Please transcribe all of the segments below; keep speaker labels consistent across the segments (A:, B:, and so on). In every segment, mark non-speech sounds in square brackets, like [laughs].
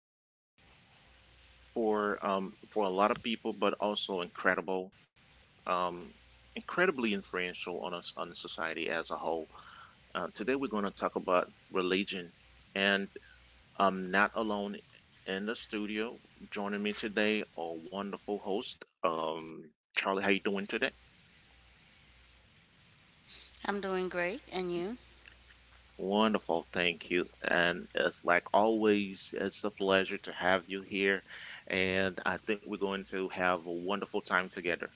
A: I'd say for a lot of people, but also um, incredibly influential on us on society as a whole. Today we're going to talk about religion, and I'm not alone in the studio. Joining me today, our wonderful host, Charlie. How you doing today?
B: I'm doing great, and you?
A: Wonderful, thank you. And it's like always, it's a pleasure to have you here. And I think we're going to have a wonderful time together.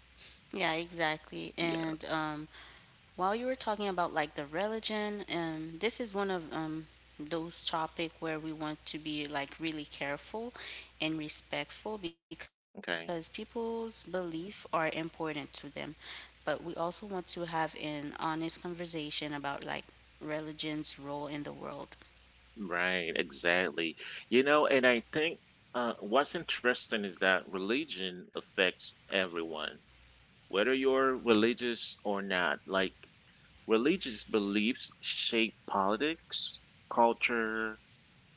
B: Yeah, exactly. And
A: Yeah,
B: while you were talking about the religion, this is one of those topic where we want to be really careful and respectful because
A: okay.
B: people's belief are important to them. But we also want to have an honest conversation about religion's role in the world.
A: Right, exactly. You know, and I think what's interesting is that religion affects everyone, whether you're religious or not. Like, religious beliefs shape politics, culture,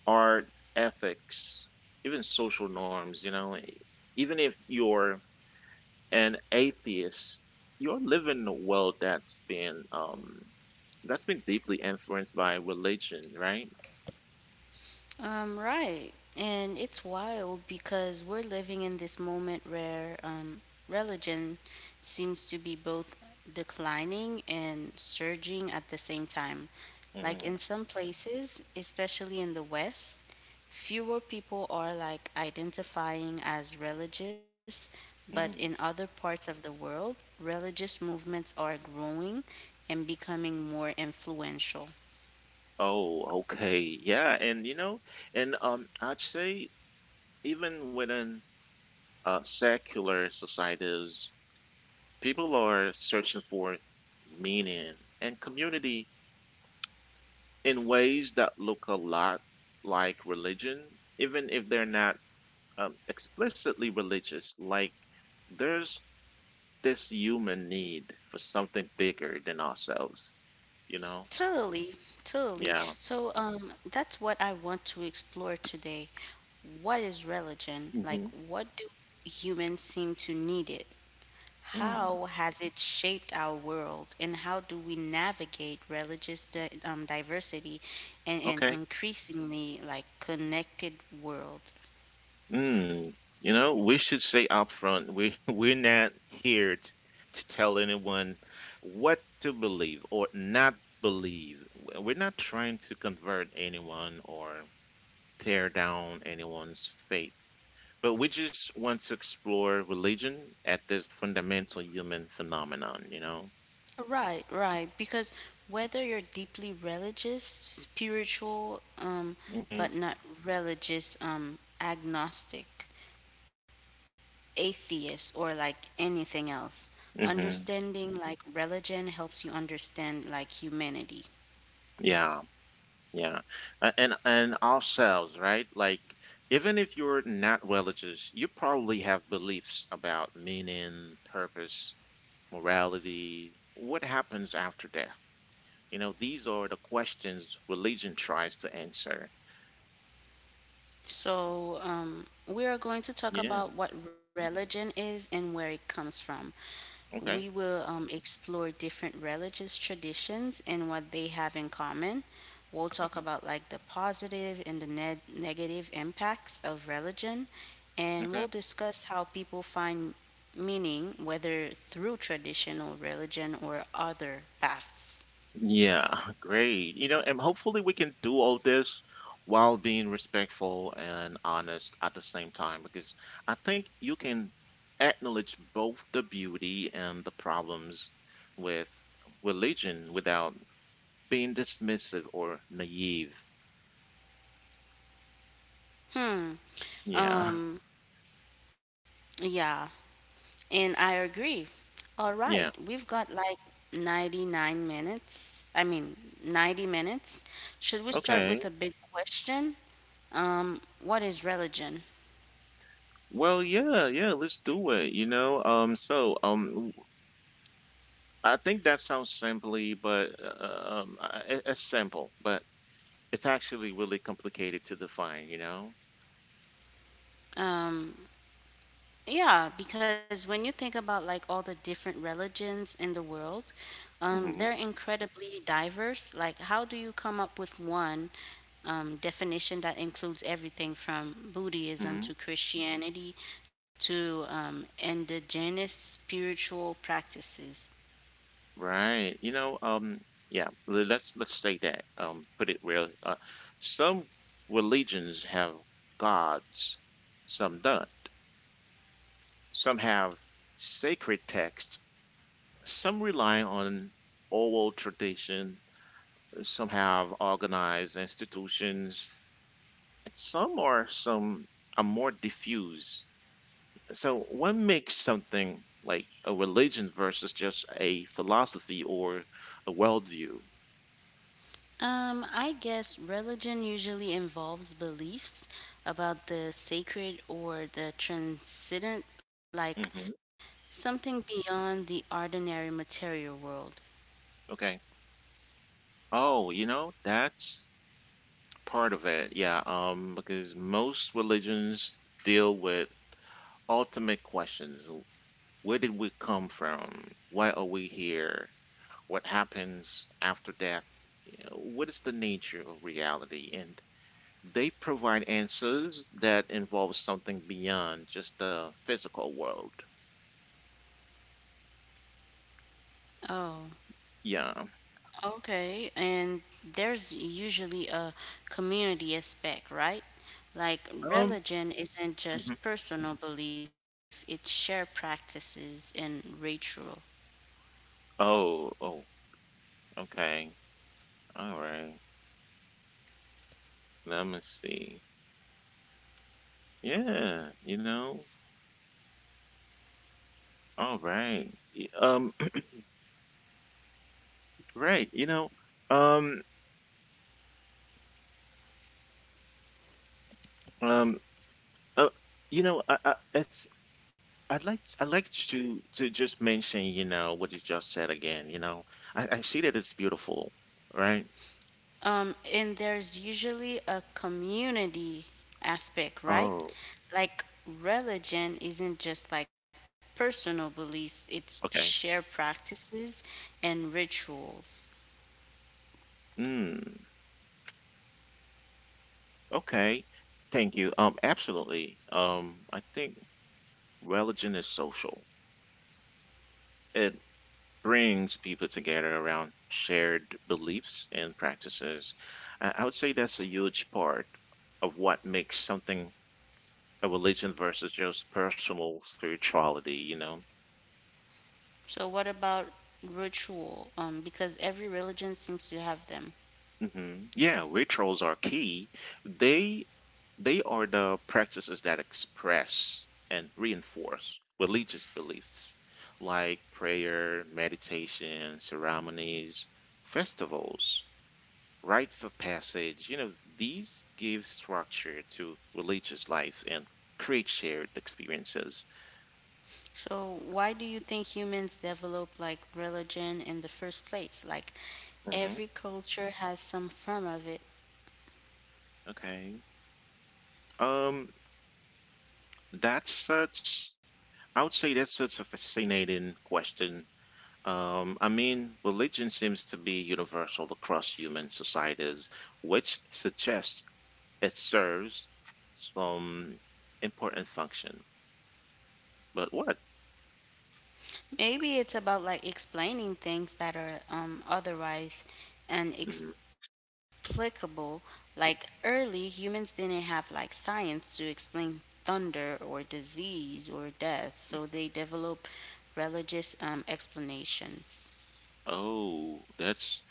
A: art, ethics, even social norms, even if you're an atheist, you're living in a world that's been deeply influenced by religion, right?
B: Right. And it's wild because we're living in this moment where religion seems to be both declining and surging at the same time. Like
A: Mm.
B: in some places, especially in the West, fewer people are identifying as religious, but in
A: Mm.
B: other parts of the world, religious movements are growing and becoming more influential.
A: Oh, okay. Yeah, and I'd say even within secular societies, people are searching for meaning and community in ways that look a lot like religion, even if they're not explicitly religious. Like, there's this human need for something bigger than ourselves, you know?
B: Totally, totally.
A: Yeah.
B: So, that's what I want to explore today. What is religion? Like,
A: Hmm.
B: what do humans seem to need it?
A: Mm,
B: How has it shaped our world? And how do we navigate religious di diversity in an
A: okay.
B: increasingly connected world?
A: Mm. You know, we should say up front, we [laughs] we're not here to tell anyone what to believe or not believe. We're not trying to convert anyone or tear down anyone's faith, but we just want to explore religion at this fundamental human phenomenon, you know?
B: Right, right. Because whether you're deeply religious, spiritual,
A: Hmm.
B: but not religious, agnostic, atheist or anything else.
A: Hmm.
B: Understanding religion helps you understand humanity.
A: Yeah, yeah. And ourselves, right? Like, even if you're not religious, you probably have beliefs about meaning, purpose, morality, what happens after death? You know, these are the questions religion tries to answer.
B: So, we are going to talk
A: Yeah,
B: about what religion is and where it comes from. We
A: okay.
B: will explore different religious traditions and what they have in common. We'll talk about the positive and the negative impacts of religion, and
A: Hmm.
B: we'll discuss how people find meaning, whether through traditional religion or other paths.
A: Yeah, [laughs] great. You know, and hopefully we can do all this while being respectful and honest at the same time, because I think you can acknowledge both the beauty and the problems with religion without being dismissive or naive.
B: Hmm.
A: Yeah.
B: Um. Yeah. And I agree. All right,
A: Yeah.
B: we've got like 99 minutes. I mean, 90 minutes. Should we start
A: Okay.
B: with a big question? What is religion?
A: Well, yeah, yeah, let's do it, you know. I think that sounds simply, but it's simple, but it's actually really complicated to define, you know?
B: Um, yeah, because when you think about all the different religions in the world, they're
A: Mhm.
B: incredibly diverse. Like, how do you come up with one definition that includes everything from
A: Mhm.
B: Buddhism to Christianity to indigenous spiritual practices?
A: Right. You know, yeah, let's say that, put it real. Some religions have gods, some don't. Some have sacred texts, some rely on oral tradition, some have organized institutions, and some are more diffuse. So what makes something like a religion versus just a philosophy or a worldview?
B: I guess religion usually involves beliefs about the sacred or the transcendent,
A: Hmm.
B: like something beyond the ordinary material world.
A: Okay. Oh, you know, that's part of it. Yeah. Because most religions deal with ultimate questions. Where did we come from? Why are we here? What happens after death? You know, what is the nature of reality? And they provide answers that involve something beyond just the physical world.
B: Oh,
A: Yeah.
B: okay. And there's usually a community aspect, right? Like
A: Um.
B: religion isn't
A: Mhm.
B: just personal belief, it's shared practices and ritual.
A: Oh. Oh. Okay. All right. Let me see. Yeah. You know. All right. [clears throat] Right. You know. Um. Um. Uh, you know. I. I it's. I'd like. I'd like to just mention. You know what you just said again. You know. I see that it's beautiful. Right.
B: And there's usually a community aspect, right?
A: Oh.
B: Like religion isn't just personal beliefs, it's shared
A: Okay.
B: practices and rituals.
A: Mm. Okay. Thank you. Absolutely. I think religion is social. It. Brings people together around shared beliefs and practices. I would say that's a huge part of what makes something a religion versus just personal spirituality, you know?
B: So what about ritual? Because every religion seems to have them.
A: Hmm. Yeah, rituals are key. They they are the practices that express and reinforce religious beliefs like prayer, meditation, ceremonies, festivals, rites of passage, you know, these give structure to religious life and create shared experiences.
B: So why do you think humans develop religion in the first place? Like
A: Hmm.
B: every culture has some form of it.
A: Okay. Um, that's such, I would say that's such a fascinating question. I mean, religion seems to be universal across human societies, which suggests it serves some important function. But what?
B: Maybe it's about explaining things that are otherwise
A: Mhm.
B: inexplicable. Like early humans didn't have science to explain thunder or disease or death, so they developed religious explanations.
A: Oh, that's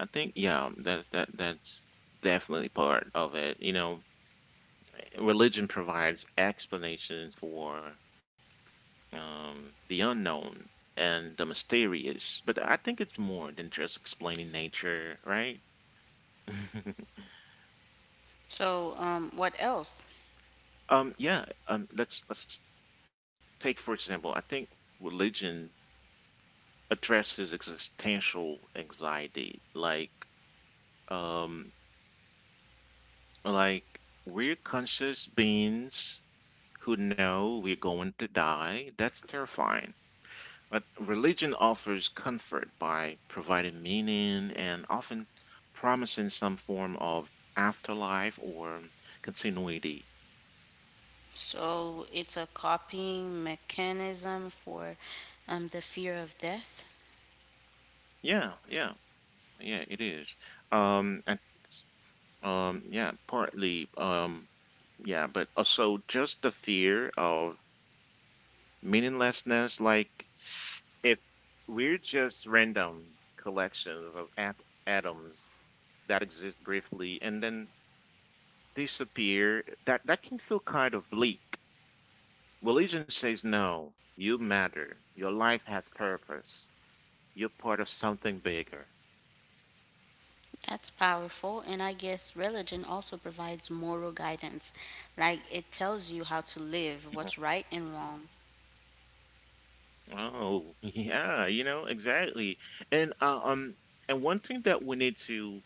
A: I think yeah, that's definitely part of it. You know, religion provides explanations for the unknown and the mysterious, but I think it's more than just explaining nature, right? [laughs]
B: So, what else?
A: Yeah. Let's take for example. I think religion addresses existential anxiety, um Like, we're conscious beings who know we're going to die. That's terrifying. But religion offers comfort by providing meaning and often promising some form of afterlife or continuity.
B: So, it's a copying mechanism for the fear of death.
A: Yeah, yeah, yeah, it is. And, yeah, partly, yeah, but also just the fear of meaninglessness, like if we're just random collection of atoms that exist briefly and then disappear, that can feel kind of bleak. Religion says no, you matter. Your life has purpose. You're part of something bigger.
B: That's powerful. And I guess religion also provides moral guidance. Like it tells you how to live, what's right and wrong.
A: Oh, [laughs] yeah, you know, exactly. And uh, um and one thing that we need to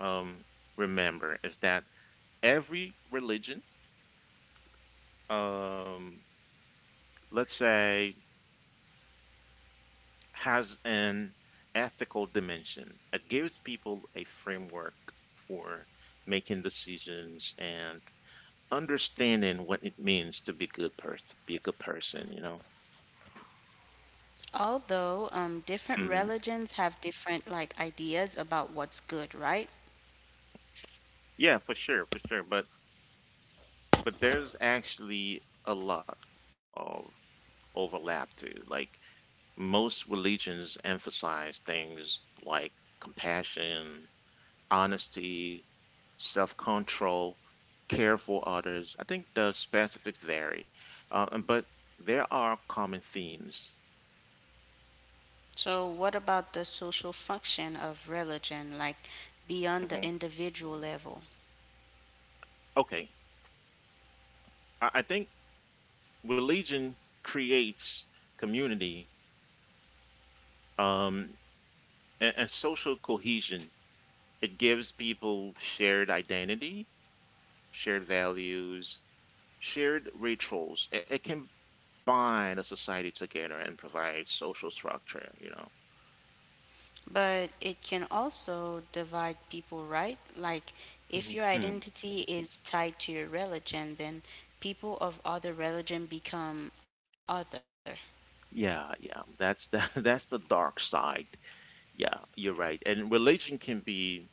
A: um remember is that every religion um let's say, has an ethical dimension. It gives people a framework for making decisions and understanding what it means to be a good person, you know?
B: Although different
A: Mhm.
B: religions have different ideas about what's good, right?
A: Yeah, for sure, for sure. But there's actually a lot of overlap too. Like, most religions emphasize things like compassion, honesty, self control, care for others. I think the specifics vary, but there are common themes.
B: So what about the social function of religion, like beyond the
A: Mhm.
B: individual level?
A: Okay, I think religion creates community um, and social cohesion. It gives people shared identity, shared values, shared rituals. It can bind a society together and provide social structure. You know.
B: But it can also divide people, right? Like, if your
A: [laughs]
B: identity is tied to your religion, then people of other religion become other.
A: Yeah, yeah. That's the [laughs] that's the dark side. Yeah, you're right. And religion can be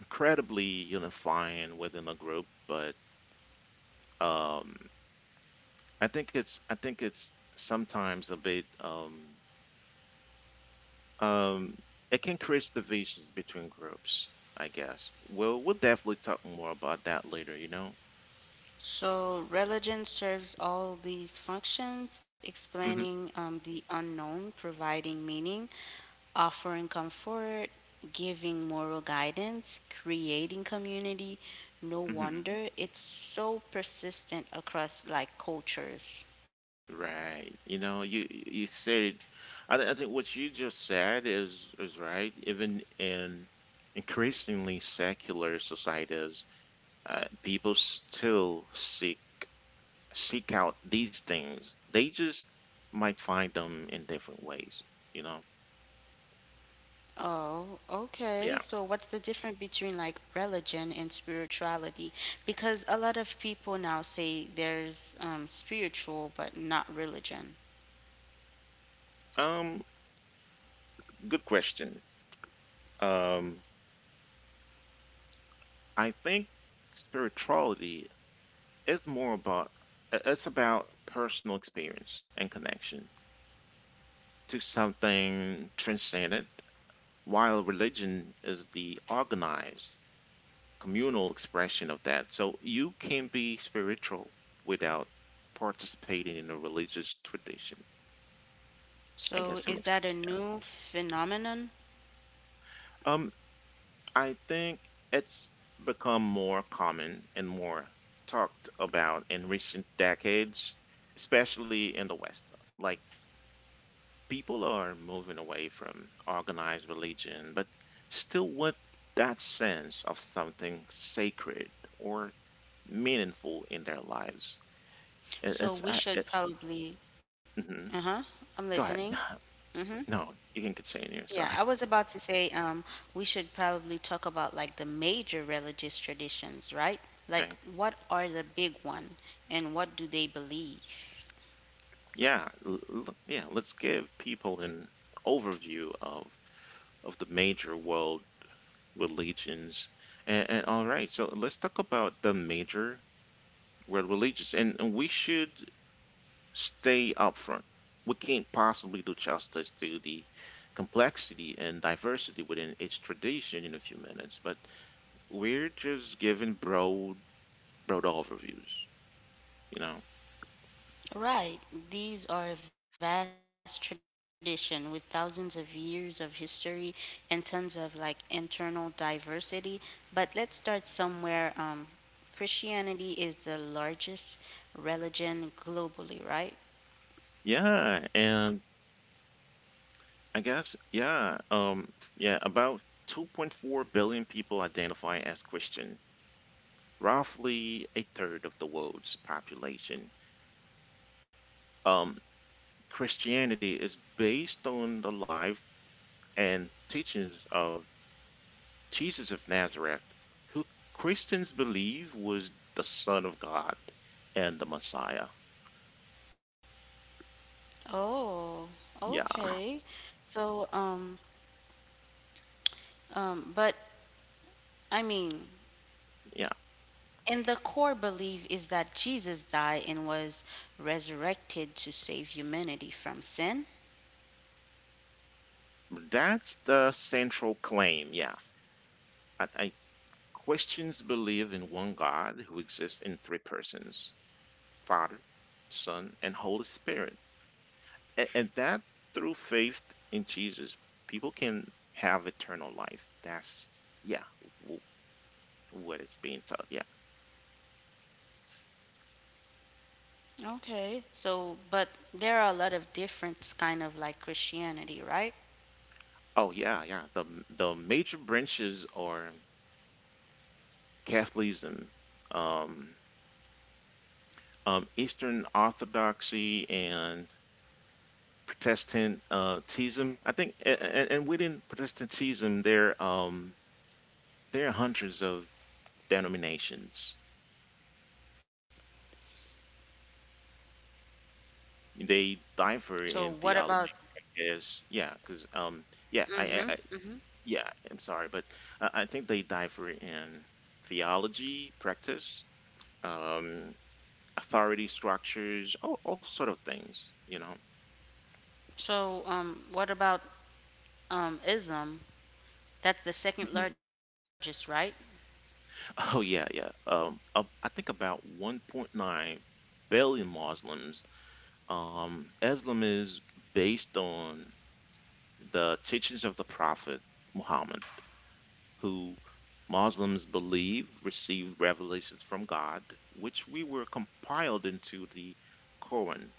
A: incredibly unifying within a group, but um, I think it's sometimes a bit um, it can create divisions between groups, I guess. We'll definitely talk more about that later, you know?
B: So, religion serves all these functions,
A: Hmm.
B: explaining the unknown, providing meaning, offering comfort, giving moral guidance, creating community. No
A: Hmm.
B: wonder it's so persistent across cultures.
A: Right. You know, you said I think what you just said is right, even in increasingly secular societies, people still seek out these things. They just might find them in different ways, you know.
B: Oh, okay.
A: Yeah.
B: So what's the difference between religion and spirituality? Because a lot of people now say there's spiritual but not religion.
A: Um Good question. Um I think spirituality is more about it's about personal experience and connection to something transcendent, while religion is the organized communal expression of that. So you can be spiritual without participating in a religious tradition. I
B: So
A: guess
B: is
A: that makes
B: that a
A: sense.
B: new phenomenon?
A: Yeah. I think it's become more common and more talked about in recent decades, especially in the West. Like, people are moving away from organized religion, but still with that sense of something sacred or meaningful in their lives. It- It's
B: So
A: I-
B: we should probably,
A: Mhm.
B: uh-huh, I'm
A: Go ahead.
B: listening.
A: [sighs]
B: Mm-hmm.
A: No, you can continue.
B: Yeah,
A: Sorry.
B: I was
A: [laughs]
B: about to say we should probably talk about the major religious traditions, right? Like
A: Okay.
B: what are the big one and what do they believe?
A: Yeah. Yeah. Let's give people an overview of the major world religions. And all right. So let's talk about the major world religions, and, we should stay upfront. We can't possibly do justice to the complexity and diversity within each tradition in a few minutes, but we're just giving broad overviews. You know.
B: Right, these are a vast tradition with thousands of years of history and tons of internal diversity. But let's start somewhere. Christianity is the largest religion globally, right?
A: Yeah, and I guess, yeah. Yeah, about 2.4 billion people identify as Christian, roughly a third of the world's population. Um, Christianity is based on the life and teachings of Jesus of Nazareth, who Christians believe was the Son of God and the Messiah.
B: Oh,
A: Yeah,
B: okay. So, um, um, but I mean,
A: yeah.
B: and the core belief is that Jesus died and was resurrected to save humanity from sin.
A: That's the central claim. Yeah. I Christians believe in one God who exists in three persons: Father, Son, and Holy Spirit. And that through faith in Jesus, people can have eternal life. That's, yeah, w- what is being taught. Yeah.
B: Okay. So, but there are a lot of different kind of Christianity, right?
A: Oh, yeah, yeah. The major branches are Catholicism, um, Eastern Orthodoxy, and Protestantism. I think, and, within Protestantism, there are hundreds of denominations. They differ
B: So
A: in
B: what about
A: theology practice. Yeah, because yeah,
B: mm-hmm,
A: I
B: mm-hmm.
A: yeah, I'm sorry, but I think they differ in theology practice, um, authority structures, all sort of things. You know.
B: So what about ism? That's the second
A: Mhm. [laughs]
B: largest, right?
A: Oh yeah, yeah. I think about 1.9 billion Muslims. Islam is based on the teachings of the Prophet Muhammad, who Muslims believe received revelations from God, which we were compiled into the Quran.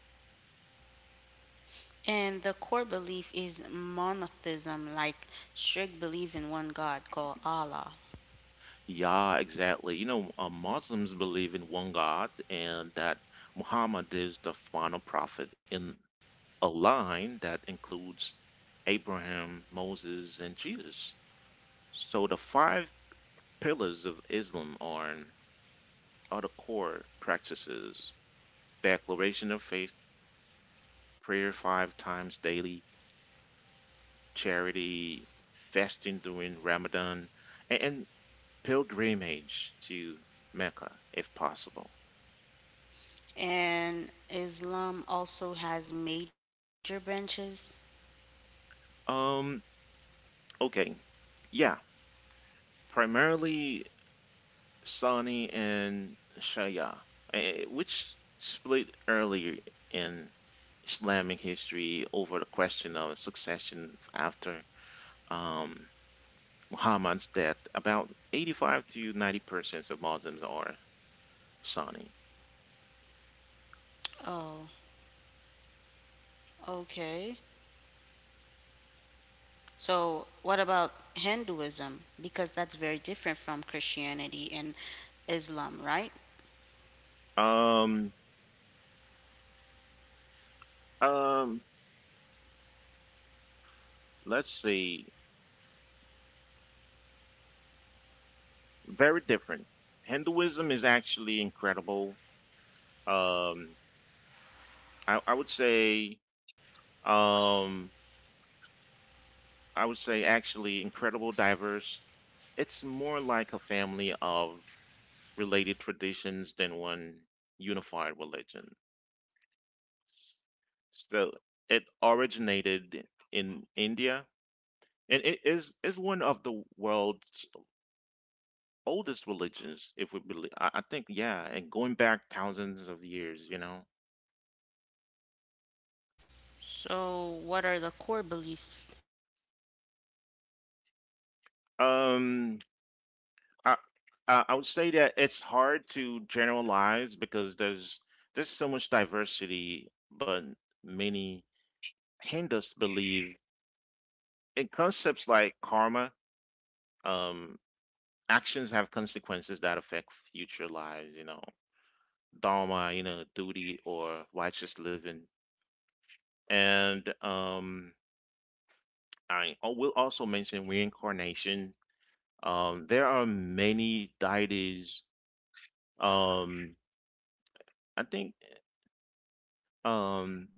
B: And the core belief is monotheism, like strict belief in one God called Allah.
A: Yeah, exactly. You know, Muslims believe in one God and that Muhammad is the final prophet in a line that includes Abraham, Moses, and Jesus. So the five pillars of Islam are the core practices: declaration of faith, prayer five times daily, charity, fasting during Ramadan, and, pilgrimage to Mecca if possible.
B: And Islam also has major branches.
A: Um, okay, yeah, primarily Sani and Shaya, which split earlier in Islamic history over the question of succession after um, Muhammad's death. About 85 to 90% of Muslims are Sunni.
B: Oh, okay. So, what about Hinduism? Because that's very different from Christianity and Islam, right?
A: Um, um, let's see, very different. Hinduism is actually incredible. Um, I, I would say, um, I would say actually incredible, diverse. It's more like a family of related traditions than one unified religion. So it originated in India, and it is one of the world's oldest religions, if we believe. I think, yeah, and going back thousands of years.
B: So, what are the core beliefs?
A: Um, I, I would say that it's hard to generalize because there's so much diversity, but many Hindus believe in concepts like karma. Um, Actions have consequences that affect future lives. Dharma, duty or righteous living, and I will also mention reincarnation. There are many deities. Um, I think um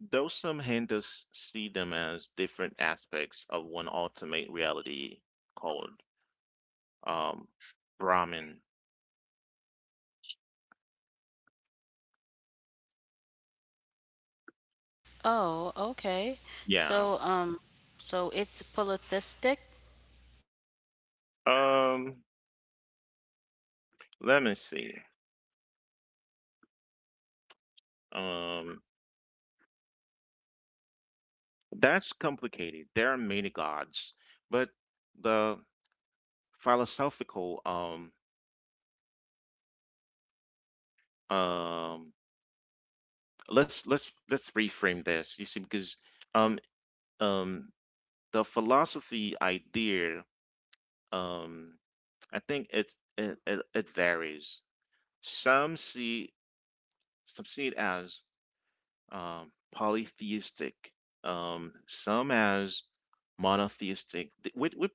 A: Though some Hindus see them as different aspects of one ultimate reality called um, Brahman.
B: Oh, okay.
A: Yeah.
B: So, so it's polytheistic.
A: Um, Let me see. Um, that's complicated. There are many gods, but the philosophical um let's reframe this. You see, because um um the philosophy idea um I think it varies. Some see some see it as polytheistic, some as monotheistic, with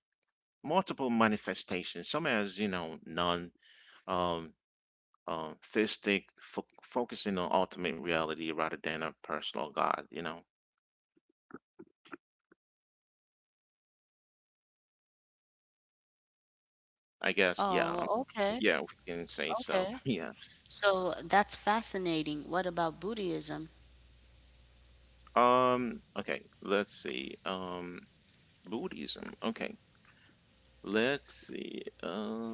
A: multiple manifestations. Some as non um, theistic, focusing on ultimate reality rather than a personal God. I guess, yeah,
B: Oh, okay,
A: yeah, we can say so.
B: okay.
A: [laughs] Yeah.
B: So that's fascinating. What about Buddhism?
A: Okay. Let's see. Buddhism. Okay. Let's see.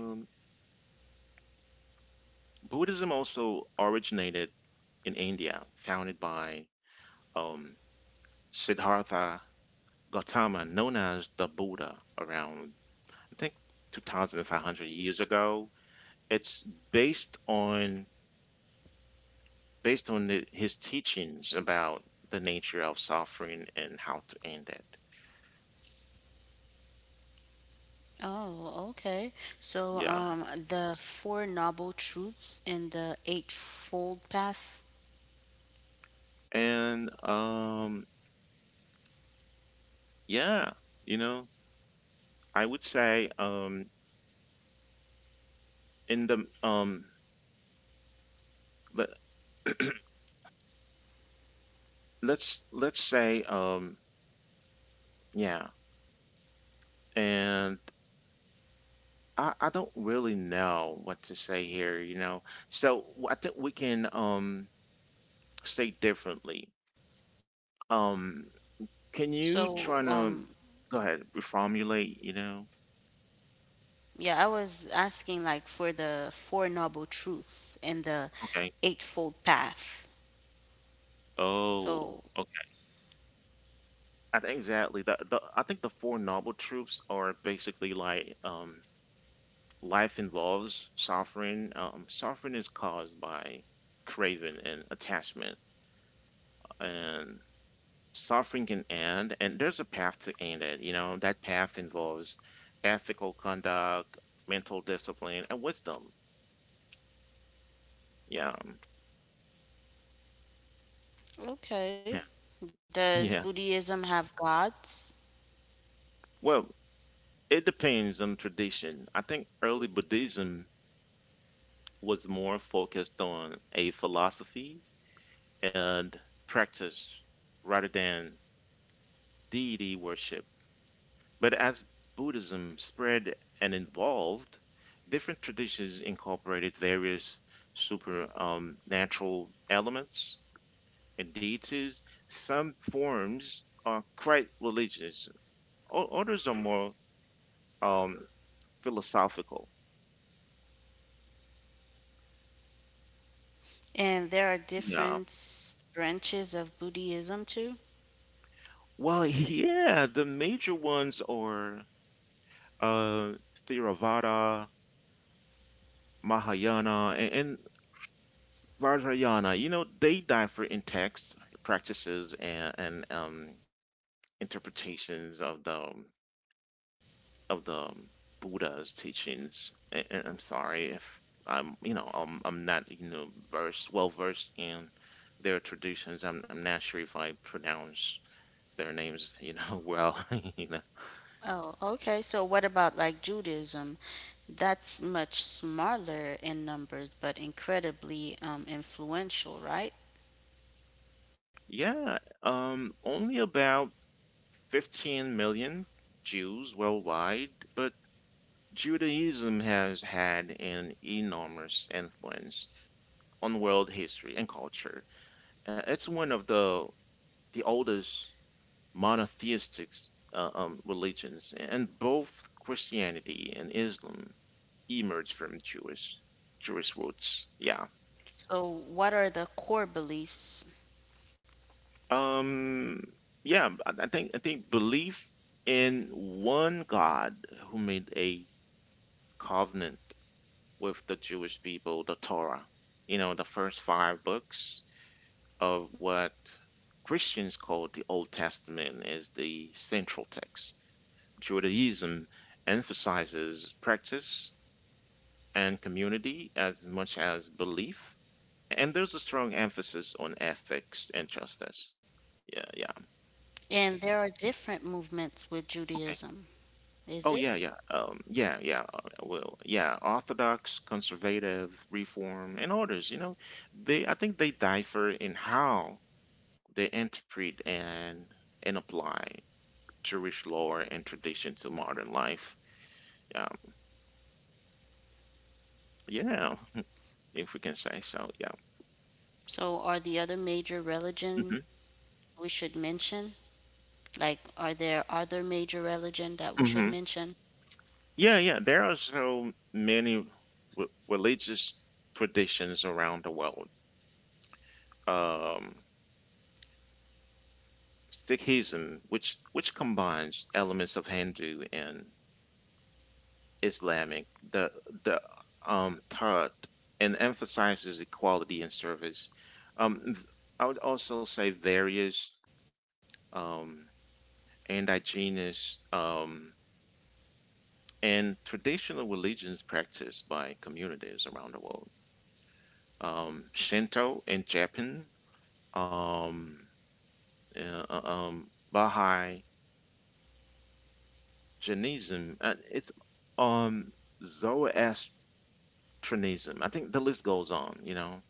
A: Buddhism also originated in India, founded by um, Siddhartha Gautama, known as the Buddha, around I think 2,500 years ago. It's based on based on his teachings about the nature of suffering and how to end it.
B: Oh, okay. So,
A: Yeah,
B: the Four Noble Truths and the Eightfold Path.
A: and yeah, you know, I would say, in the let, let's say yeah, and I don't really know what to say here. So I think we can say differently. Um,
B: So,
A: can you
B: um,
A: try to go ahead reformulate,
B: Yeah, I was asking for the four noble truths and the
A: Okay.
B: eightfold path.
A: Oh,
B: So,
A: okay. I think exactly. The I think the four noble truths are basically like, life involves suffering. Suffering is caused by craving and attachment, and suffering can end, and there's a path to end it. That path involves ethical conduct, mental discipline, and wisdom. Yeah, yeah,
B: Okay. Does
A: yeah.
B: Buddhism have gods?
A: Well, it depends on tradition. I think early Buddhism was more focused on a philosophy and practice rather than deity worship. But as Buddhism spread and evolved, different traditions incorporated various super natural elements and deities. Some forms are quite religious, others are more um, philosophical.
B: And there are
A: Yeah.
B: different branches of Buddhism too?
A: Well, yeah, the major ones are uh, Theravada, Mahayana, and Vajrayana. They differ in texts, practices, and interpretations of the Buddha's teachings. And I'm sorry if I'm not you know versed well versed in their traditions. I'm not sure if I pronounce their names, [laughs] well. [laughs] You know.
B: Oh, okay. So what about Judaism? That's much smaller in numbers, but incredibly influential, right?
A: Yeah, only about 15 million Jews worldwide, but Judaism has had an enormous influence on world history and culture. It's one of the oldest monotheistic religions, and both Christianity and Islam emerged from Jewish roots. Yeah.
B: So what are the core beliefs?
A: Um. Yeah. I think belief in one God who made a covenant with the Jewish people, the Torah. The first five books of what Christians call the Old Testament as the central text. Judaism emphasizes practice and community as much as belief, and there's a strong emphasis on ethics and justice. Yeah, yeah,
B: And there are different movements with
A: okay.
B: Judaism.
A: Oh,
B: Is
A: yeah,
B: it?
A: yeah, yeah, yeah. Well, yeah, Orthodox, conservative, Reform, and others. They I think they differ in how they interpret and apply Jewish lore and tradition to modern life. Yeah, yeah, if we can say so. Yeah.
B: So are the other major religion
A: Hmm.
B: we should mention? Like, are there other major religion that we should
A: Hmm.
B: mention?
A: Yeah, yeah. There are so many religious traditions around the world. Um, Sikhism, which combines elements of Hindu and Islamic, the Tara and emphasizes equality and service. Um, th- I would also say various, um, indigenous and traditional religions practiced by communities around the world. Shinto in Japan, um, Baha'i, Jainism, it's um, Zoroastrianism. I think the list goes on.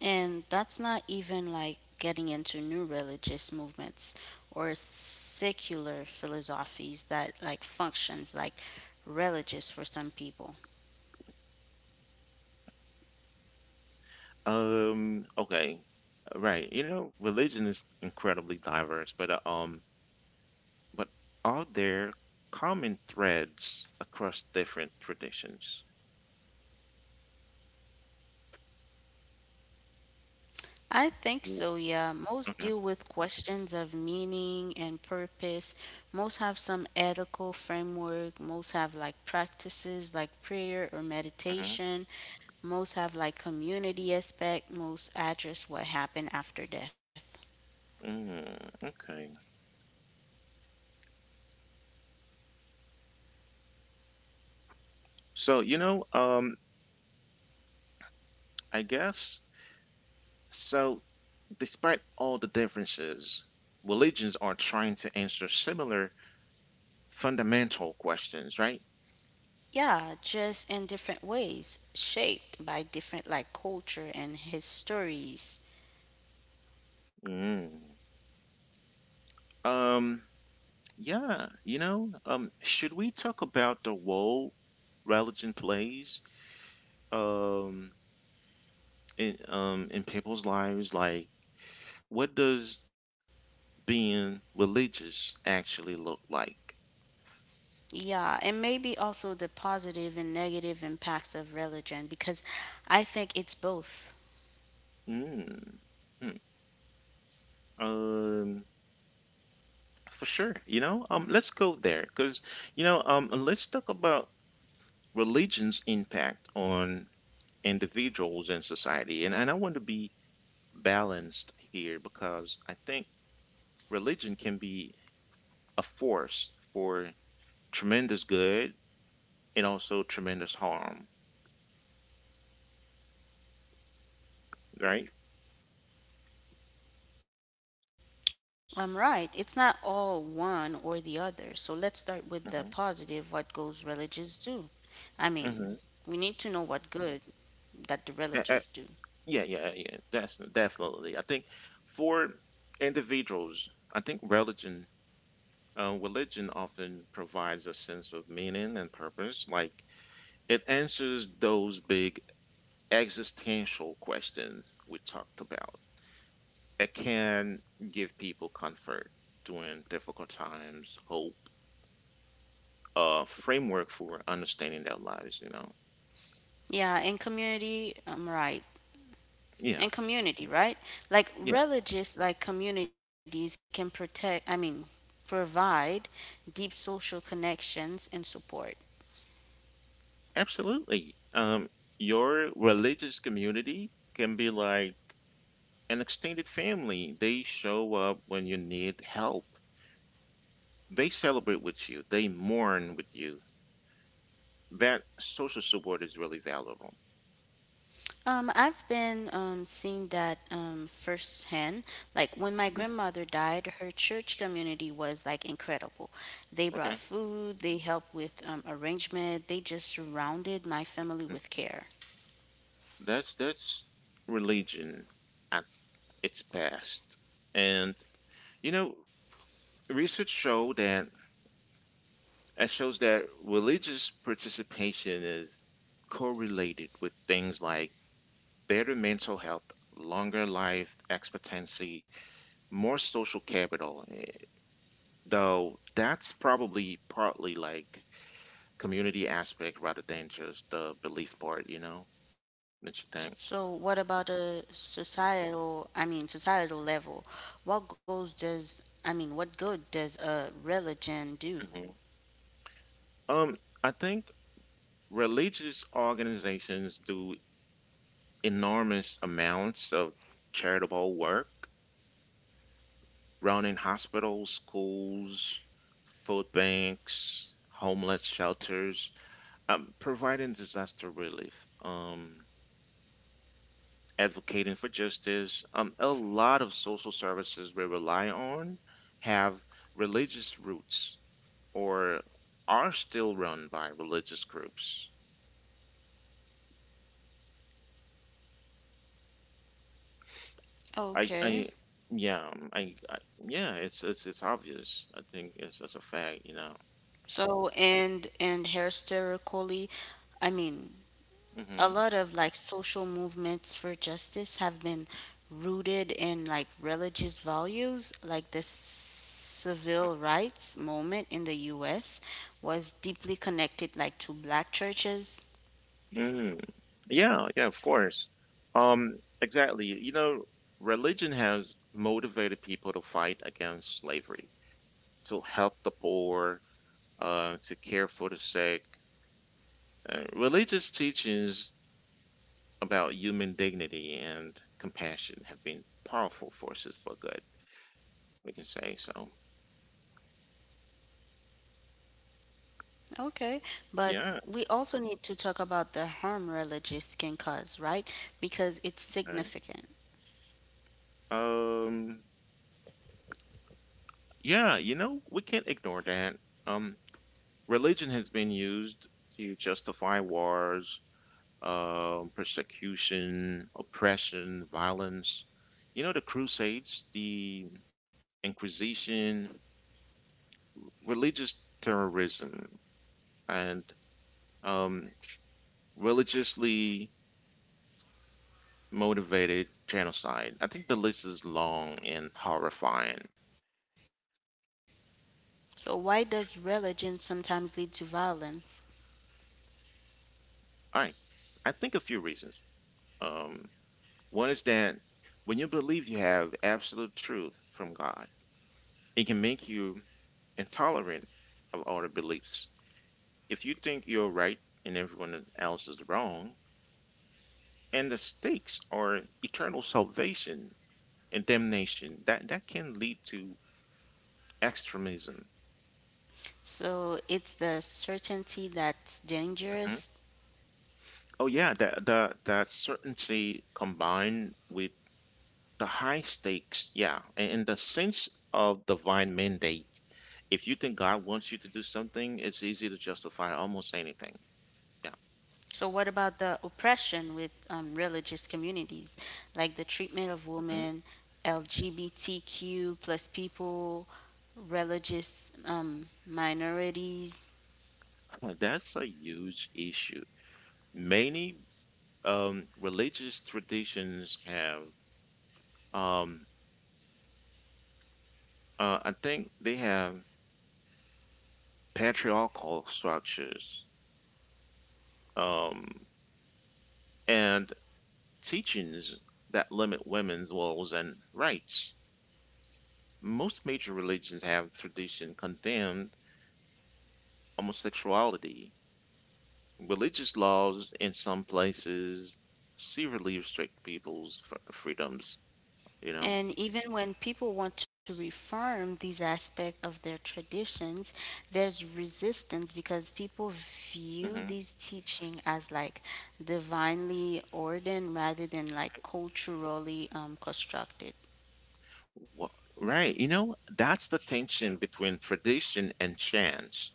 B: And that's not even getting into new religious movements or secular philosophies that functions like religious for some people.
A: Okay, right. Religion is incredibly diverse, but but are there common threads across different traditions?
B: I think
A: W-
B: so, yeah. Most
A: Okay.
B: deal with questions of meaning and purpose. Most have some ethical framework. Most have practices like prayer or
A: Mhm.
B: meditation. Most have community aspect. Most address what happened after death.
A: Mm, okay. So, I guess so, despite all the differences, religions are trying to answer similar fundamental questions, right?
B: Yeah, just in different ways, shaped by different culture and his stories.
A: Mm. Um, yeah, should we talk about the role religion plays um in people's lives? Like, what does being religious actually look like?
B: Yeah, and maybe also the positive and negative impacts of religion because I think it's both.
A: Mm. Hmm. Um, For sure, let's go there because, let's talk about religion's impact on individuals and society. And I want to be balanced here because I think religion can be a force for tremendous good and also tremendous harm, right?
B: I'm right. It's not all one or the other. So let's start with
A: Mm-hmm.
B: the positive what goes religious do. I mean,
A: Mm-hmm.
B: we need to know what good that
A: Yeah,
B: the religious do.
A: yeah, yeah, yeah. That's definitely. I think For individuals, I think religion religion often provides a sense of meaning and purpose, like it answers those big existential questions we talked about. It can give people comfort during difficult times, hope, a framework for understanding their lives.
B: Yeah, in community, I'm right.
A: Yeah,
B: In community, right?
A: yeah,
B: Religious communities can protect, I mean, provide deep social connections and support.
A: absolutely. Your religious community can be like an extended family. They show up when you need help. They celebrate with you. They mourn with you. That social support is really valuable.
B: I've been seeing that firsthand. Like when my
A: Mhm.
B: grandmother died, her church community was incredible. They
A: Okay.
B: brought food, they helped with arrangement, they just surrounded my family
A: Mm.
B: with care.
A: That's religion at its best. And you know, research show that it shows that religious participation is correlated with things like better mental health, longer life expectancy, more social capital. Though that's probably partly like community aspect rather than just the belief part, that you
B: So,
A: think.
B: what about a societal, I mean, societal level? What goes does, I mean, what good does a religion do?
A: Mhm. I think religious organizations do enormous amounts of charitable work, running hospitals, schools, food banks, homeless shelters, providing disaster relief. Advocating for justice. A lot of social services we rely on have religious roots or are still run by religious groups. I, I,
B: Okay.
A: yeah, I, yeah, it's obvious. I think it's a fact.
B: So, and historically, I mean,
A: Hmm.
B: a lot of social movements for justice have been rooted in religious values like the civil rights movement in the US was deeply connected to black churches.
A: Mm. Yeah, yeah, of course. Exactly. Religion has motivated people to fight against slavery, to help the poor, to care for the sick. Religious teachings about human dignity and compassion have been powerful forces for good, we can say. So,
B: Okay, but
A: yeah.
B: we also need to talk about the harm religious can cause, right? Because it's
A: I-
B: significant.
A: Um, yeah, we can't ignore that. Um, Religion has been used to justify wars, persecution, oppression, violence. The Crusades, the Inquisition, religious terrorism, and um, religiously motivated genocide. I think the list is long and horrifying.
B: So, why does religion sometimes lead to violence?
A: Alright, I think a few reasons. Um, One is that when you believe you have absolute truth from God, it can make you intolerant of other beliefs. If you think you're right and everyone else is wrong, and the stakes are eternal salvation and damnation, that can lead to extremism.
B: So, it's the certainty that's dangerous.
A: Oh yeah, the certainty combined with the high stakes, yeah, and the sense of divine mandate. If you think God wants you to do something, it's easy to justify almost anything. Yeah,
B: So, what about the oppression with religious communities, like the treatment of
A: mhm.
B: women, LGBTQ plus people, religious minorities?
A: [laughs] That's a huge issue. Many, religious traditions have, um, I think they have patriarchal structures, um, and teachings that limit women's roles and rights. Most major religions have tradition condemned homosexuality. Religious laws in some places severely restrict people's freedoms, you know.
B: And even when people want to reform these aspects of their traditions, there's resistance because people view
A: Hmm.
B: these teaching as divinely ordained rather than like culturally constructed.
A: Wha- Right. That's the tension between tradition and chance.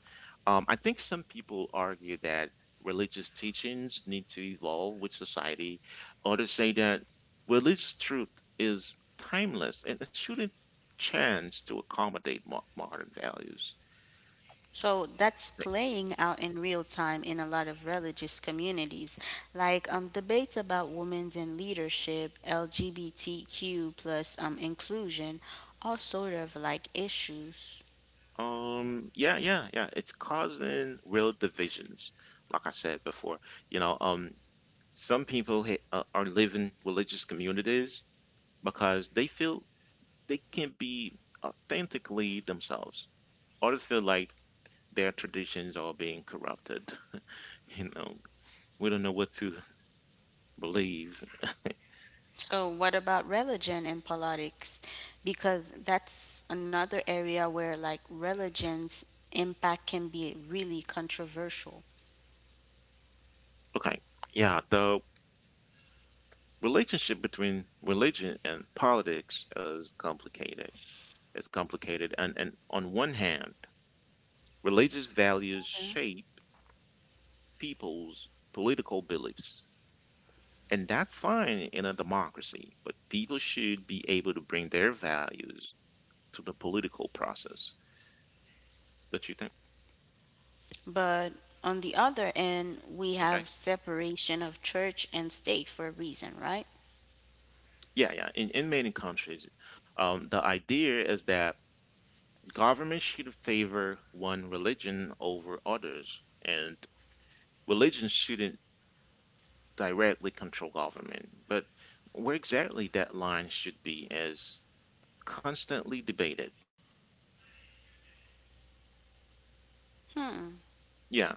A: I think some people argue that religious teachings need to evolve with society. Others say that religious truth is timeless and it shouldn't change to accommodate mo modern values.
B: So that's
A: Right.
B: playing out in real time in a lot of religious communities, like debates about women's in leadership, LGBTQ plus inclusion, all sort of issues.
A: Yeah, yeah, yeah. It's causing real divisions, like I said before. You know, um, some people are living religious communities because they feel they can be authentically themselves. Others feel like their traditions are being corrupted. [laughs] you know, we don't know what to [laughs] believe.
B: So what about religion and politics? Because that's another area where religion's impact can be really controversial.
A: Okay, yeah, the relationship between religion and politics is complicated. It's complicated, and on one hand, religious values shape people's political beliefs. And that's fine in a democracy, but people should be able to bring their values to the political process that you think
B: But on the other end, we
A: Okay,
B: have separation of church and state for a reason, right?
A: yeah, yeah, in many countries, the idea is that government should favor one religion over others, and religion shouldn't directly control government, but where exactly that line should be is constantly debated.
B: Hmm.
A: Yeah,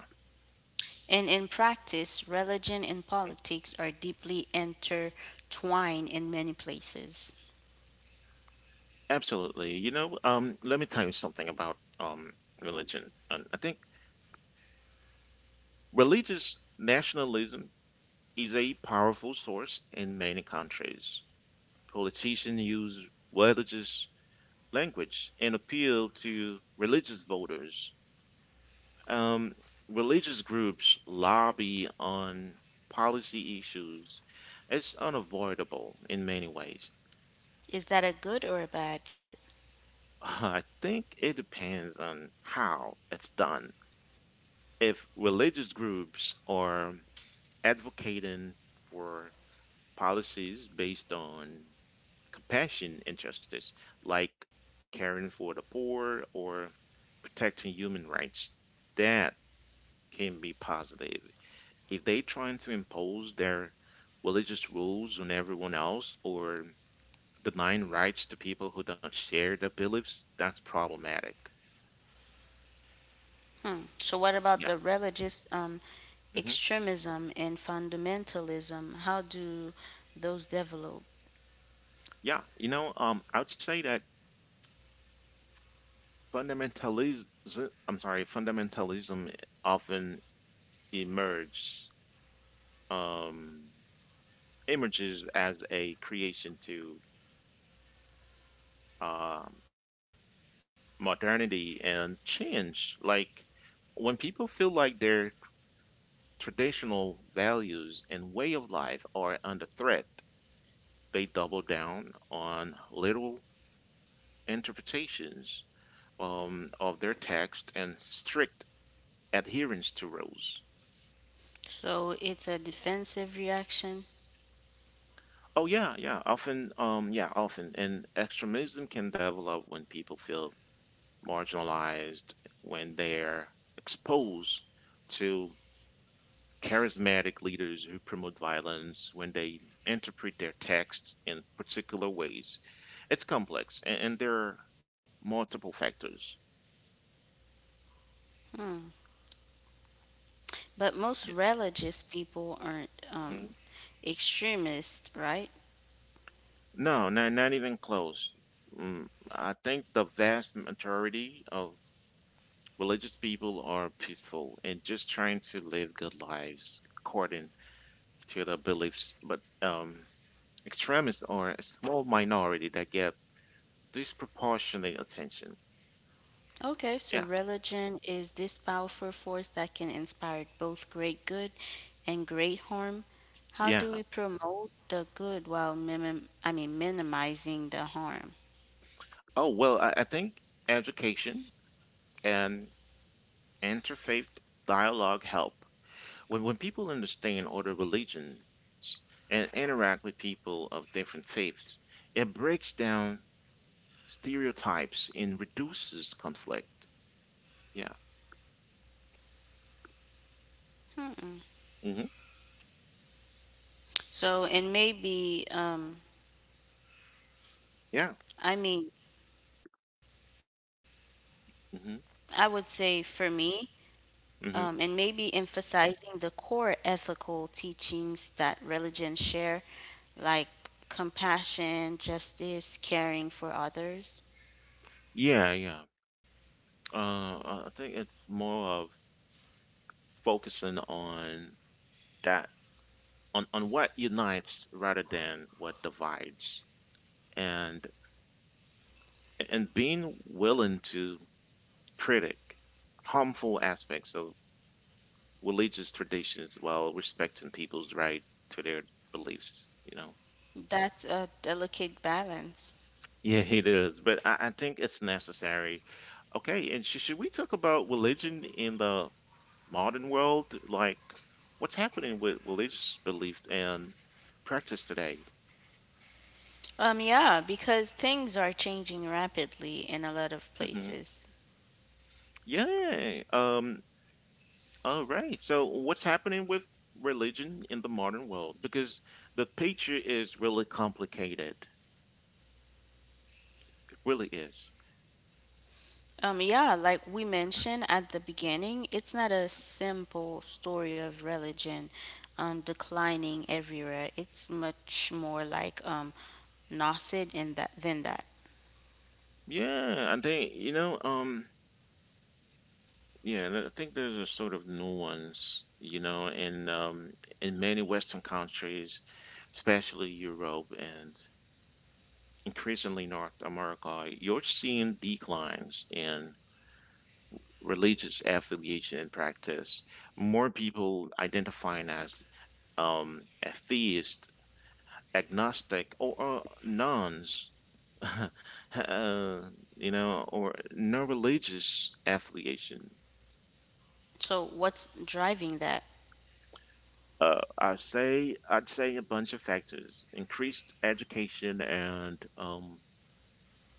B: And in practice, religion and politics are deeply intertwined in many places.
A: absolutely. Let me tell you something about, religion. And I think religious nationalism is a powerful source in many countries. Politicians use religious language and appeal to religious voters. Um, Religious groups lobby on policy issues. It's unavoidable in many ways.
B: Is that a good or a bad?
A: [laughs] I think it depends on how it's done. If religious groups are advocating for policies based on compassion and justice, like caring for the poor or protecting human rights. That can be positive. If they trying to impose their religious rules on everyone else or denying rights to people who don't share their beliefs, that's problematic.
B: Hmm. So, what about
A: Yeah.
B: the religious
A: Hmm.
B: extremism and fundamentalism? How do those develop?
A: Yeah. I would say that fundamentalism, I'm sorry, fundamentalism often emerges. Um, Images as a creation to, um, modernity and change. Like when people feel like their traditional values and way of life are under threat, they double down on literal interpretations of their text and strict adherence to rules.
B: So, it's a defensive reaction,
A: Oh yeah, yeah. Often, yeah, often. And extremism can develop when people feel marginalized when they're exposed to charismatic leaders who promote violence, when they interpret their texts in particular ways. It's complex, and there are multiple factors.
B: but most
A: Yeah.
B: religious people aren't
A: Mhm.
B: um, extremists, right?
A: No, not even close. Mm, I think the vast majority of religious people are peaceful and just trying to live good lives according to their beliefs. But extremists are a small minority that get disproportionate attention.
B: Okay, so
A: Yeah,
B: religion is this powerful force that can inspire both great good and great harm. How
A: yeah.
B: do we promote the good while minimizing the harm?
A: Oh, well, I think education and interfaith dialogue help. When people understand other religions and interact with people of different faiths, it breaks down stereotypes and reduces conflict. Yeah.
B: Hmm.
A: Hmm.
B: So and maybe
A: Yeah.
B: I mean I would
A: Hmm.
B: say for me and
A: Hmm.
B: maybe emphasizing the core ethical teachings that religion share, like compassion, justice, caring for others.
A: Yeah, yeah. I think it's more of focusing on that, on what unites rather than what divides, and and being willing to critic harmful aspects of religious traditions while respecting people's right to their beliefs.
B: That's a delicate balance.
A: Yeah, it is, but I think it's necessary. Okay, and should we talk about religion in the modern world, like what's happening with religious belief and practice today?
B: Yeah, because things are changing rapidly in a lot of
A: Hmm.
B: places.
A: yeah um All right. So what's happening with religion in the modern world? Because the picture is really complicated. It really is.
B: Yeah, like we mentioned at the beginning, it's not a simple story of religion declining everywhere. It's much more like nascent in that than that.
A: Yeah, I think you know. Yeah, I think there's a sort of nuance, you know, in many Western countries, especially Europe and increasingly North America. You're seeing declines in religious affiliation and practice. More people identifying as atheist, agnostic, or nuns, [laughs] uh, you know, or no religious affiliation.
B: So what's driving that?
A: I'd say a bunch of factors: increased education and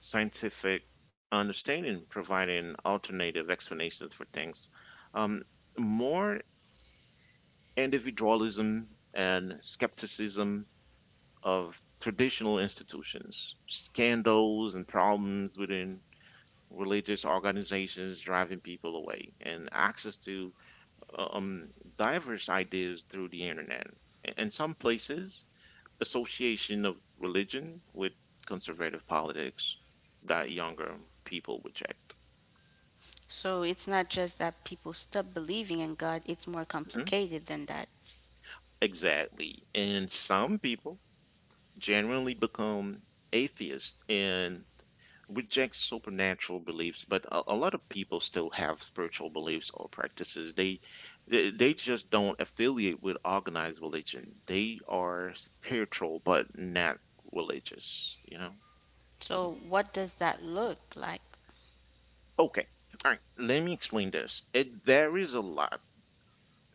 A: scientific understanding, providing alternative explanations for things. Um, more individualism and skepticism of traditional institutions, scandals and problems within religious organizations driving people away, and access to uh, um, diverse ideas through the internet. In some places, association of religion with conservative politics that younger people reject.
B: So it's not just that people stop believing in God. It's more
A: Mhm.
B: complicated than that.
A: Exactly. And some people genuinely become atheists and reject supernatural beliefs, but a lot of people still have spiritual beliefs or practices. They just don't affiliate with organized religion. They are spiritual but not religious, you know.
B: So what does that look like?
A: Okay. All right, let me explain this. It varies a lot.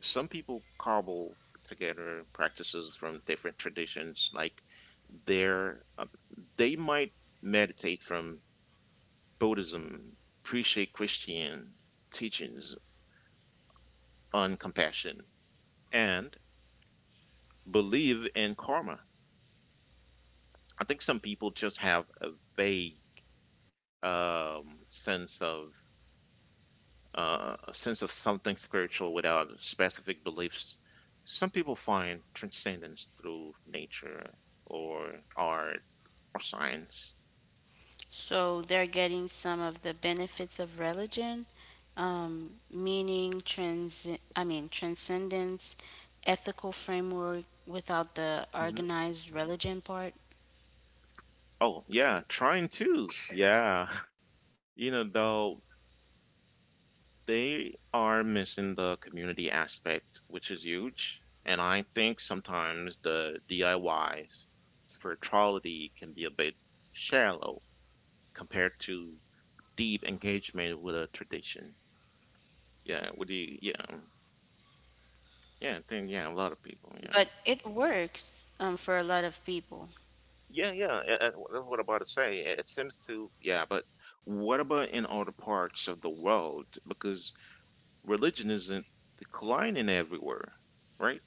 A: Some people cobble together practices from different traditions. Like they're um, they might meditate from Buddhism, appreciate Christian teachings on compassion, and believe in karma. I think some people just have a vague sense of something spiritual without specific beliefs. Some people find transcendence through nature or art or science.
B: So they're getting some of the benefits of religion, meaning trans I mean transcendence, ethical framework without the
A: Mhm.
B: organized religion part.
A: Oh yeah, trying to. Yeah. [laughs] You know, though, they are missing the community aspect, which is huge. And I think sometimes the DIYs spirituality can be a bit shallow compared to deep engagement with a tradition. Yeah, with the yeah, yeah, I think yeah, a lot of people, yeah.
B: But it works for a lot of people.
A: Yeah, yeah, that's what I'm about to say. It seems to, yeah, but what about in other parts of the world? Because religion isn't declining everywhere, right?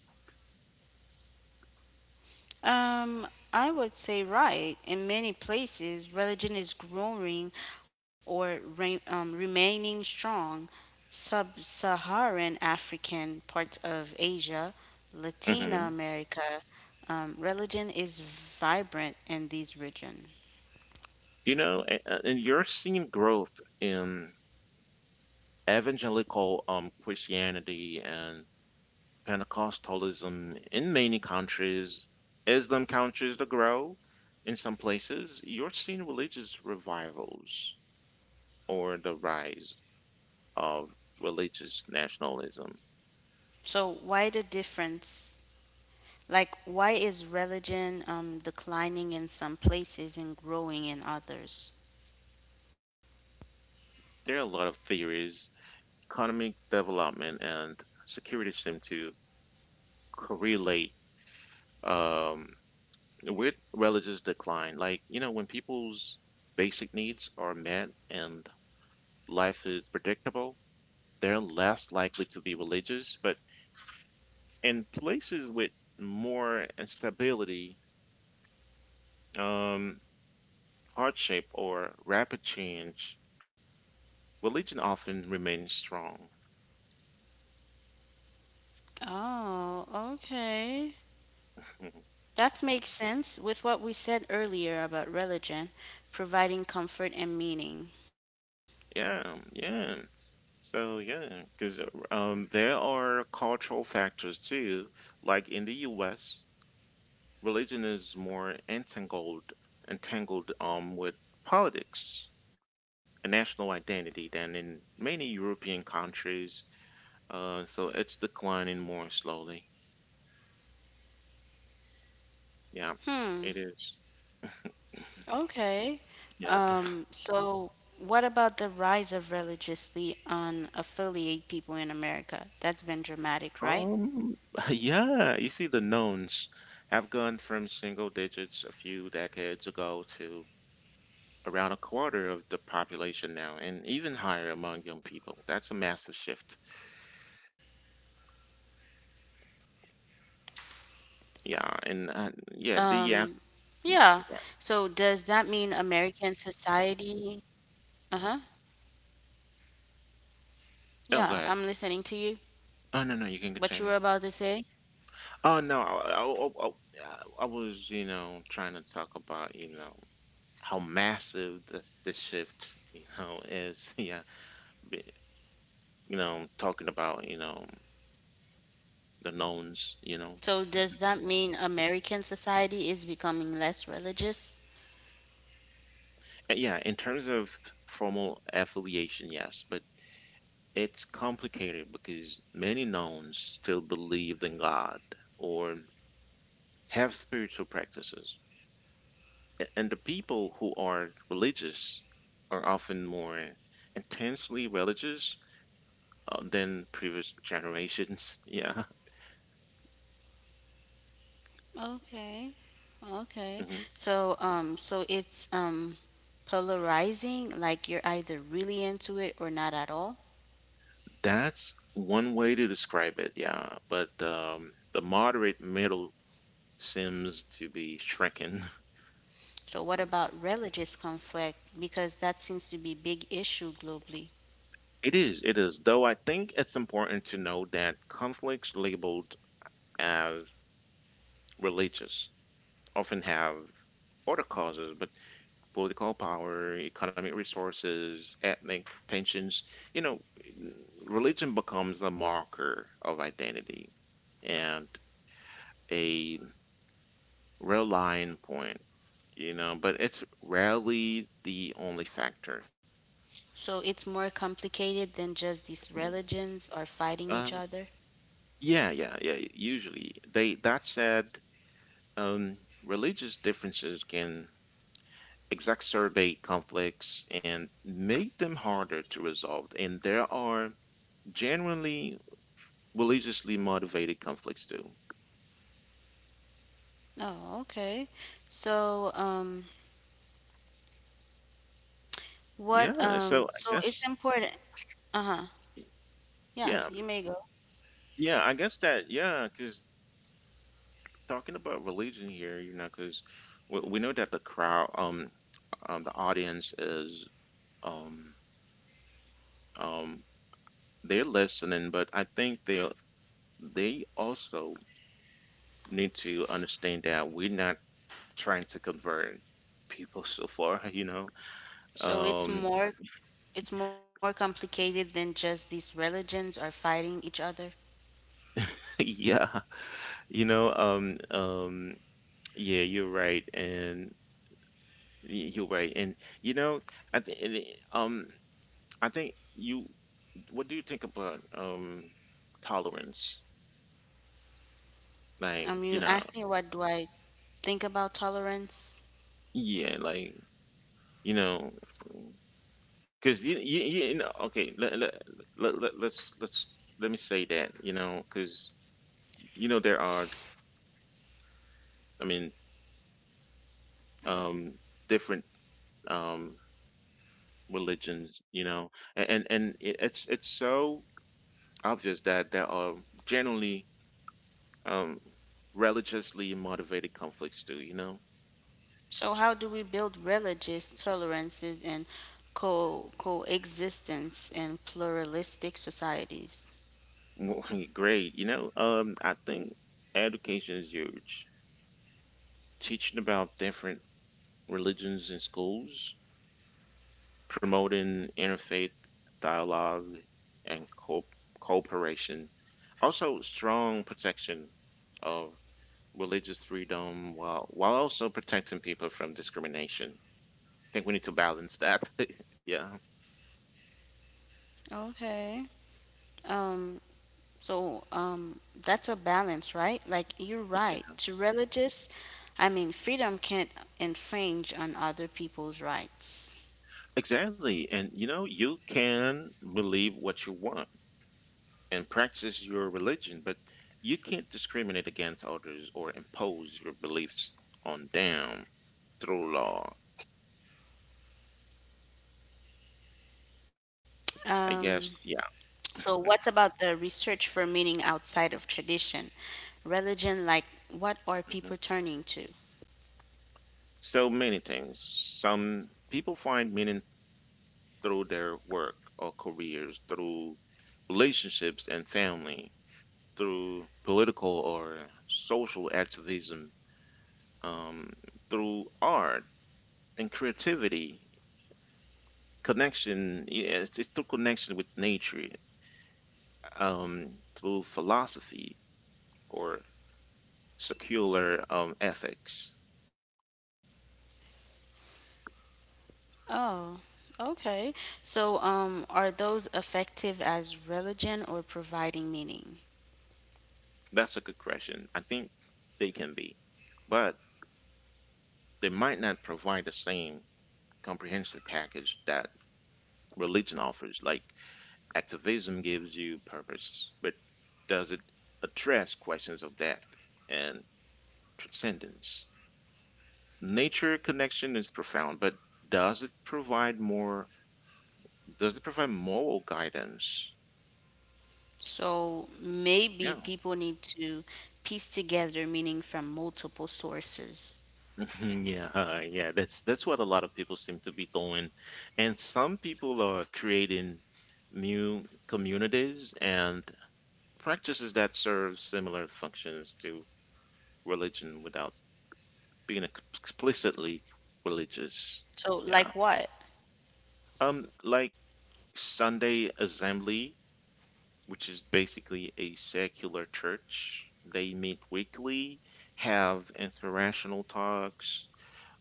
B: Um, I would say right. In many places, religion is growing or remaining strong. Sub Saharan African parts of Asia, Latin
A: Hmm.
B: America, religion is vibrant in these regions.
A: You know, and you're seeing growth in evangelical Christianity and Pentecostalism in many countries. Islam continues to grow in some places. You're seeing religious revivals or the rise of religious nationalism.
B: So, why the difference? Like, why is religion declining in some places and growing in others?
A: There are a lot of theories. Economic development and security seem to correlate. Um, With religious decline, like, you know, when people's basic needs are met and life is predictable, they're less likely to be religious. But in places with more instability, um, hardship, or rapid change, religion often remains strong.
B: Oh, okay.
A: [laughs]
B: That makes sense with what we said earlier about religion providing comfort and meaning.
A: Yeah, yeah. So yeah, because there are cultural factors too. Like in the U.S., religion is more entangled with politics and national identity than in many European countries. So it's declining more slowly. Yeah,
B: Hmm,
A: it is.
B: okay.
A: Yeah. [laughs]
B: So, what about the rise of religiously unaffiliated people in America? That's been dramatic, right?
A: Um, [laughs] yeah, you see the knowns have gone from single digits a few decades ago to around a quarter of the population now, and even higher among young people. That's a massive shift. Yeah, and yeah, the yeah.
B: Um, yeah. So, does that mean American society? Uh huh.
A: Oh, go
B: Yeah,
A: ahead.
B: I'm listening to you.
A: Oh no, no, you can
B: What you
A: continue.
B: were about to say?
A: Oh no, I was, you know, trying to talk about, you know, how massive this shift, [laughs] you know, is. [laughs] Yeah. Be- you know, talking about, you know, the knowns, you know.
B: So, does that mean American society is becoming less religious?
A: Yeah. In terms of formal affiliation, yes, but it's complicated because many knowns still believed in God or have spiritual practices, and the people who are religious are often more intensely religious than previous generations. [laughs] Yeah.
B: Okay. Okay.
A: Hmm.
B: So, so it's polarizing, like you're either really into it or not at all.
A: That's one way to describe it. Yeah, but the moderate middle seems to be shrinking.
B: So what
A: [laughs]
B: about religious conflict? Because that seems to be big issue globally.
A: It is, it is. Though I think it's important to know that conflicts labeled as religious often have other causes, but political power, economic resources, ethnic tensions. You know, religion becomes a marker of identity and a real line point, you know, but it's rarely the only factor.
B: So it's more complicated than just these
A: Mm.
B: religions are fighting each
A: Um,
B: other.
A: yeah, yeah, yeah. Usually, they that said, um, religious differences can exacerbate conflicts and make them harder to resolve. And there are genuinely religiously motivated conflicts do.
B: Oh, okay. So,
A: Yeah, so I
B: so it's
A: guess
B: important. Uh-huh. Yeah,
A: yeah,
B: you may go.
A: yeah, I guess that yeah, because talking about religion here, you know, because we know that the crowd, the audience is, um, um, they're listening, but I think they also need to understand that we're not trying to convert people so far, [laughs] you know.
B: So it's
A: Um,
B: more it's more complicated than just these religions are fighting each other.
A: [laughs] yeah, you know, yeah, you're right, and you're right, and you know, um, I think you. What do you think about tolerance? Like, you
B: You
A: know,
B: asked me what do I think about tolerance.
A: yeah, like you know, because you know, okay, let's let me say that, you know, because you know there are, I mean, um, different um religions, you know, and it's so obvious that there are generally um, religiously motivated conflicts too. You know,
B: So how do we build religious tolerances and co coexistence in pluralistic societies?
A: [laughs] great. You know, I think education is huge. Teaching about different religions in schools, promoting interfaith dialogue and cooperation, also strong protection of religious freedom while also protecting people from discrimination. I think we need to balance that. [laughs] Yeah.
B: Okay. Um, so that's a balance, right? Like you're right. To religious freedom can't infringe on other people's rights.
A: Exactly. And you know, you can believe what you want and practice your religion, but you can't discriminate against others or impose your beliefs on them through law. I
B: Um,
A: guess, yeah.
B: So, what about the research for meaning outside of tradition? Religion, like, what are
A: Mhm.
B: people turning to?
A: So many things. Some people find meaning through their work or careers, through relationships and family, through political or social activism, um, through art and creativity, it's through connection with nature, through philosophy or secular ethics.
B: Oh, okay. So, are those effective as religion or providing meaning?
A: That's a good question. I think they can be, but they might not provide the same comprehensive package that religion offers. Like activism gives you purpose, but does it address questions of death and transcendence? Nature connection is profound, but does it provide more does it provide moral guidance?
B: So, maybe
A: Yeah. [laughs]
B: people need to piece together meaning from multiple sources.
A: Yeah, yeah, that's what a lot of people seem to be doing. And some people are creating new communities and practices that serve similar functions to religion without being explicitly religious.
B: So,
A: Yeah.
B: like what?
A: Like Sunday Assembly, which is basically a secular church. They meet weekly, have inspirational talks,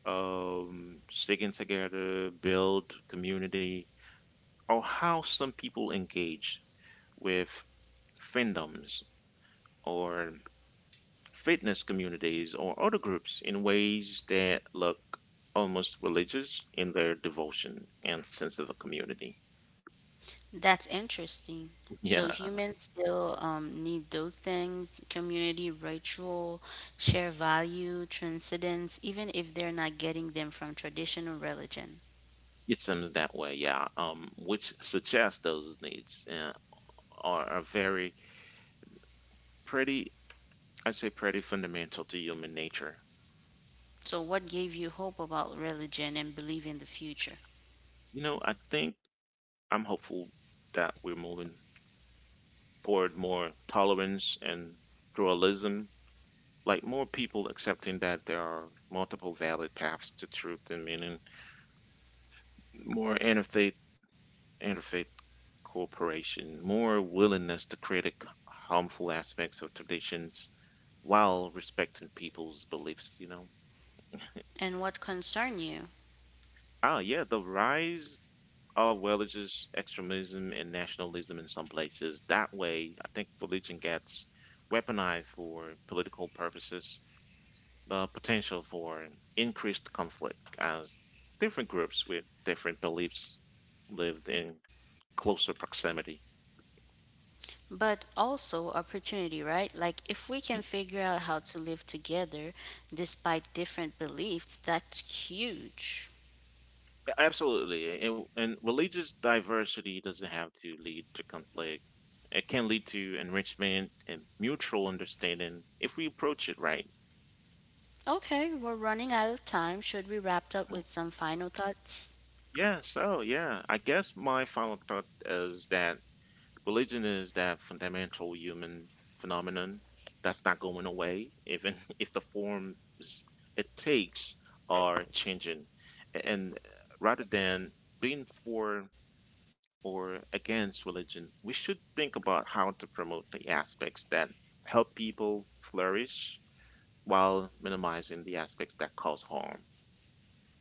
A: sticking together, build community, or how some people engage with fandoms or fitness communities or other groups in ways that look almost religious in their devotion and sense of the community.
B: That's interesting.
A: [laughs] Yeah,
B: So humans still need those things, community, ritual, share value, transcendence, even if they're not getting them from traditional religion.
A: it seems that way. Yeah, which suggests those needs are very pretty. I'd say pretty fundamental to human nature.
B: So what gave you hope about religion and belief in the future?
A: You know, I think I'm hopeful that we're moving toward more tolerance and pluralism, like more people accepting that there are multiple valid paths to truth and meaning, more interfaith cooperation, more willingness to critique harmful aspects of traditions while respecting people's beliefs, you know.
B: And what concern you?
A: Yeah, the rise of religious extremism and nationalism in some places. That way, I think religion gets weaponized for political purposes, the potential for increased conflict as different groups with different beliefs lived in closer proximity.
B: But also opportunity, right? Like if we can
A: Mm.
B: figure out how to live together despite different beliefs, that's huge.
A: Absolutely. And religious diversity doesn't have to lead to conflict. It can lead to enrichment and mutual understanding if we approach it right.
B: Okay, we're running out of time. Should we wrap up
A: Mm.
B: with some final thoughts?
A: I guess my final thought is that religion is that fundamental human phenomenon that's not going away, even [laughs] if the forms it takes are changing. And rather than being for or against religion, we should think about how to promote the aspects that help people flourish while minimizing the aspects that cause harm.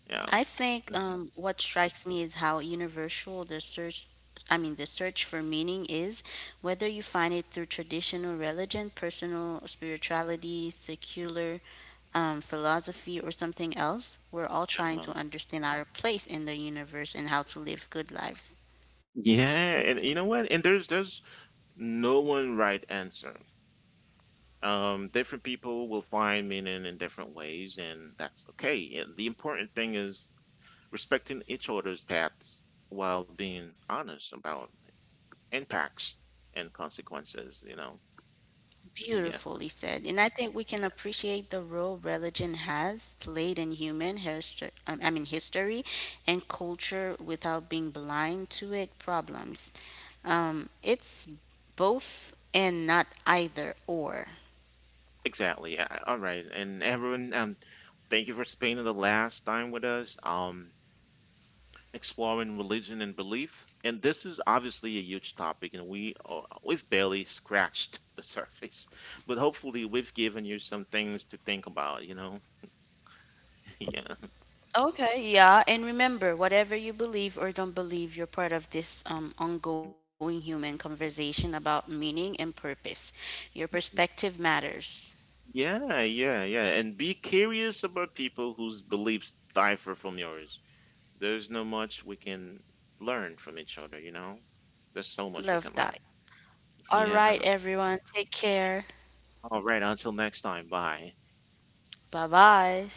A: Yeah.
B: I think
A: [laughs] Mhm.
B: what strikes me is how universal the search, I mean, the search for meaning is, whether you find it through traditional religion, personal spirituality, secular philosophy, or something else. We're all trying
A: Yeah.
B: to understand our place in the universe and how to live good lives.
A: Yeah, and you know what? And There's no one right answer. Um, different people will find meaning in different ways, and that's okay. And the important thing is respecting each other's paths while being honest about impacts and consequences, you know. [laughs] Yeah,
B: Beautifully said. And I think we can appreciate the role religion has played in human history, I mean history and culture without being blind to it problems. It's both and not either or.
A: exactly. All right. And everyone, thank you for spending the last time with us, exploring religion and belief. And this is obviously a huge topic, and we've barely scratched [laughs] the surface, but hopefully we've given you some things to think about, you know. Yeah.
B: Okay, yeah, and remember, whatever you believe or don't believe, you're part of this ongoing human conversation about meaning and purpose. Your perspective
A: [laughs]
B: matters.
A: Yeah, yeah, yeah. And be curious about people whose beliefs differ from yours. There's no much we can learn from each other, you know? There's so much we
B: Love
A: can learn.
B: that.
A: [laughs]
B: All
A: Yeah.
B: right, everyone, take care.
A: All right. Until next time. Bye.
B: Bye bye.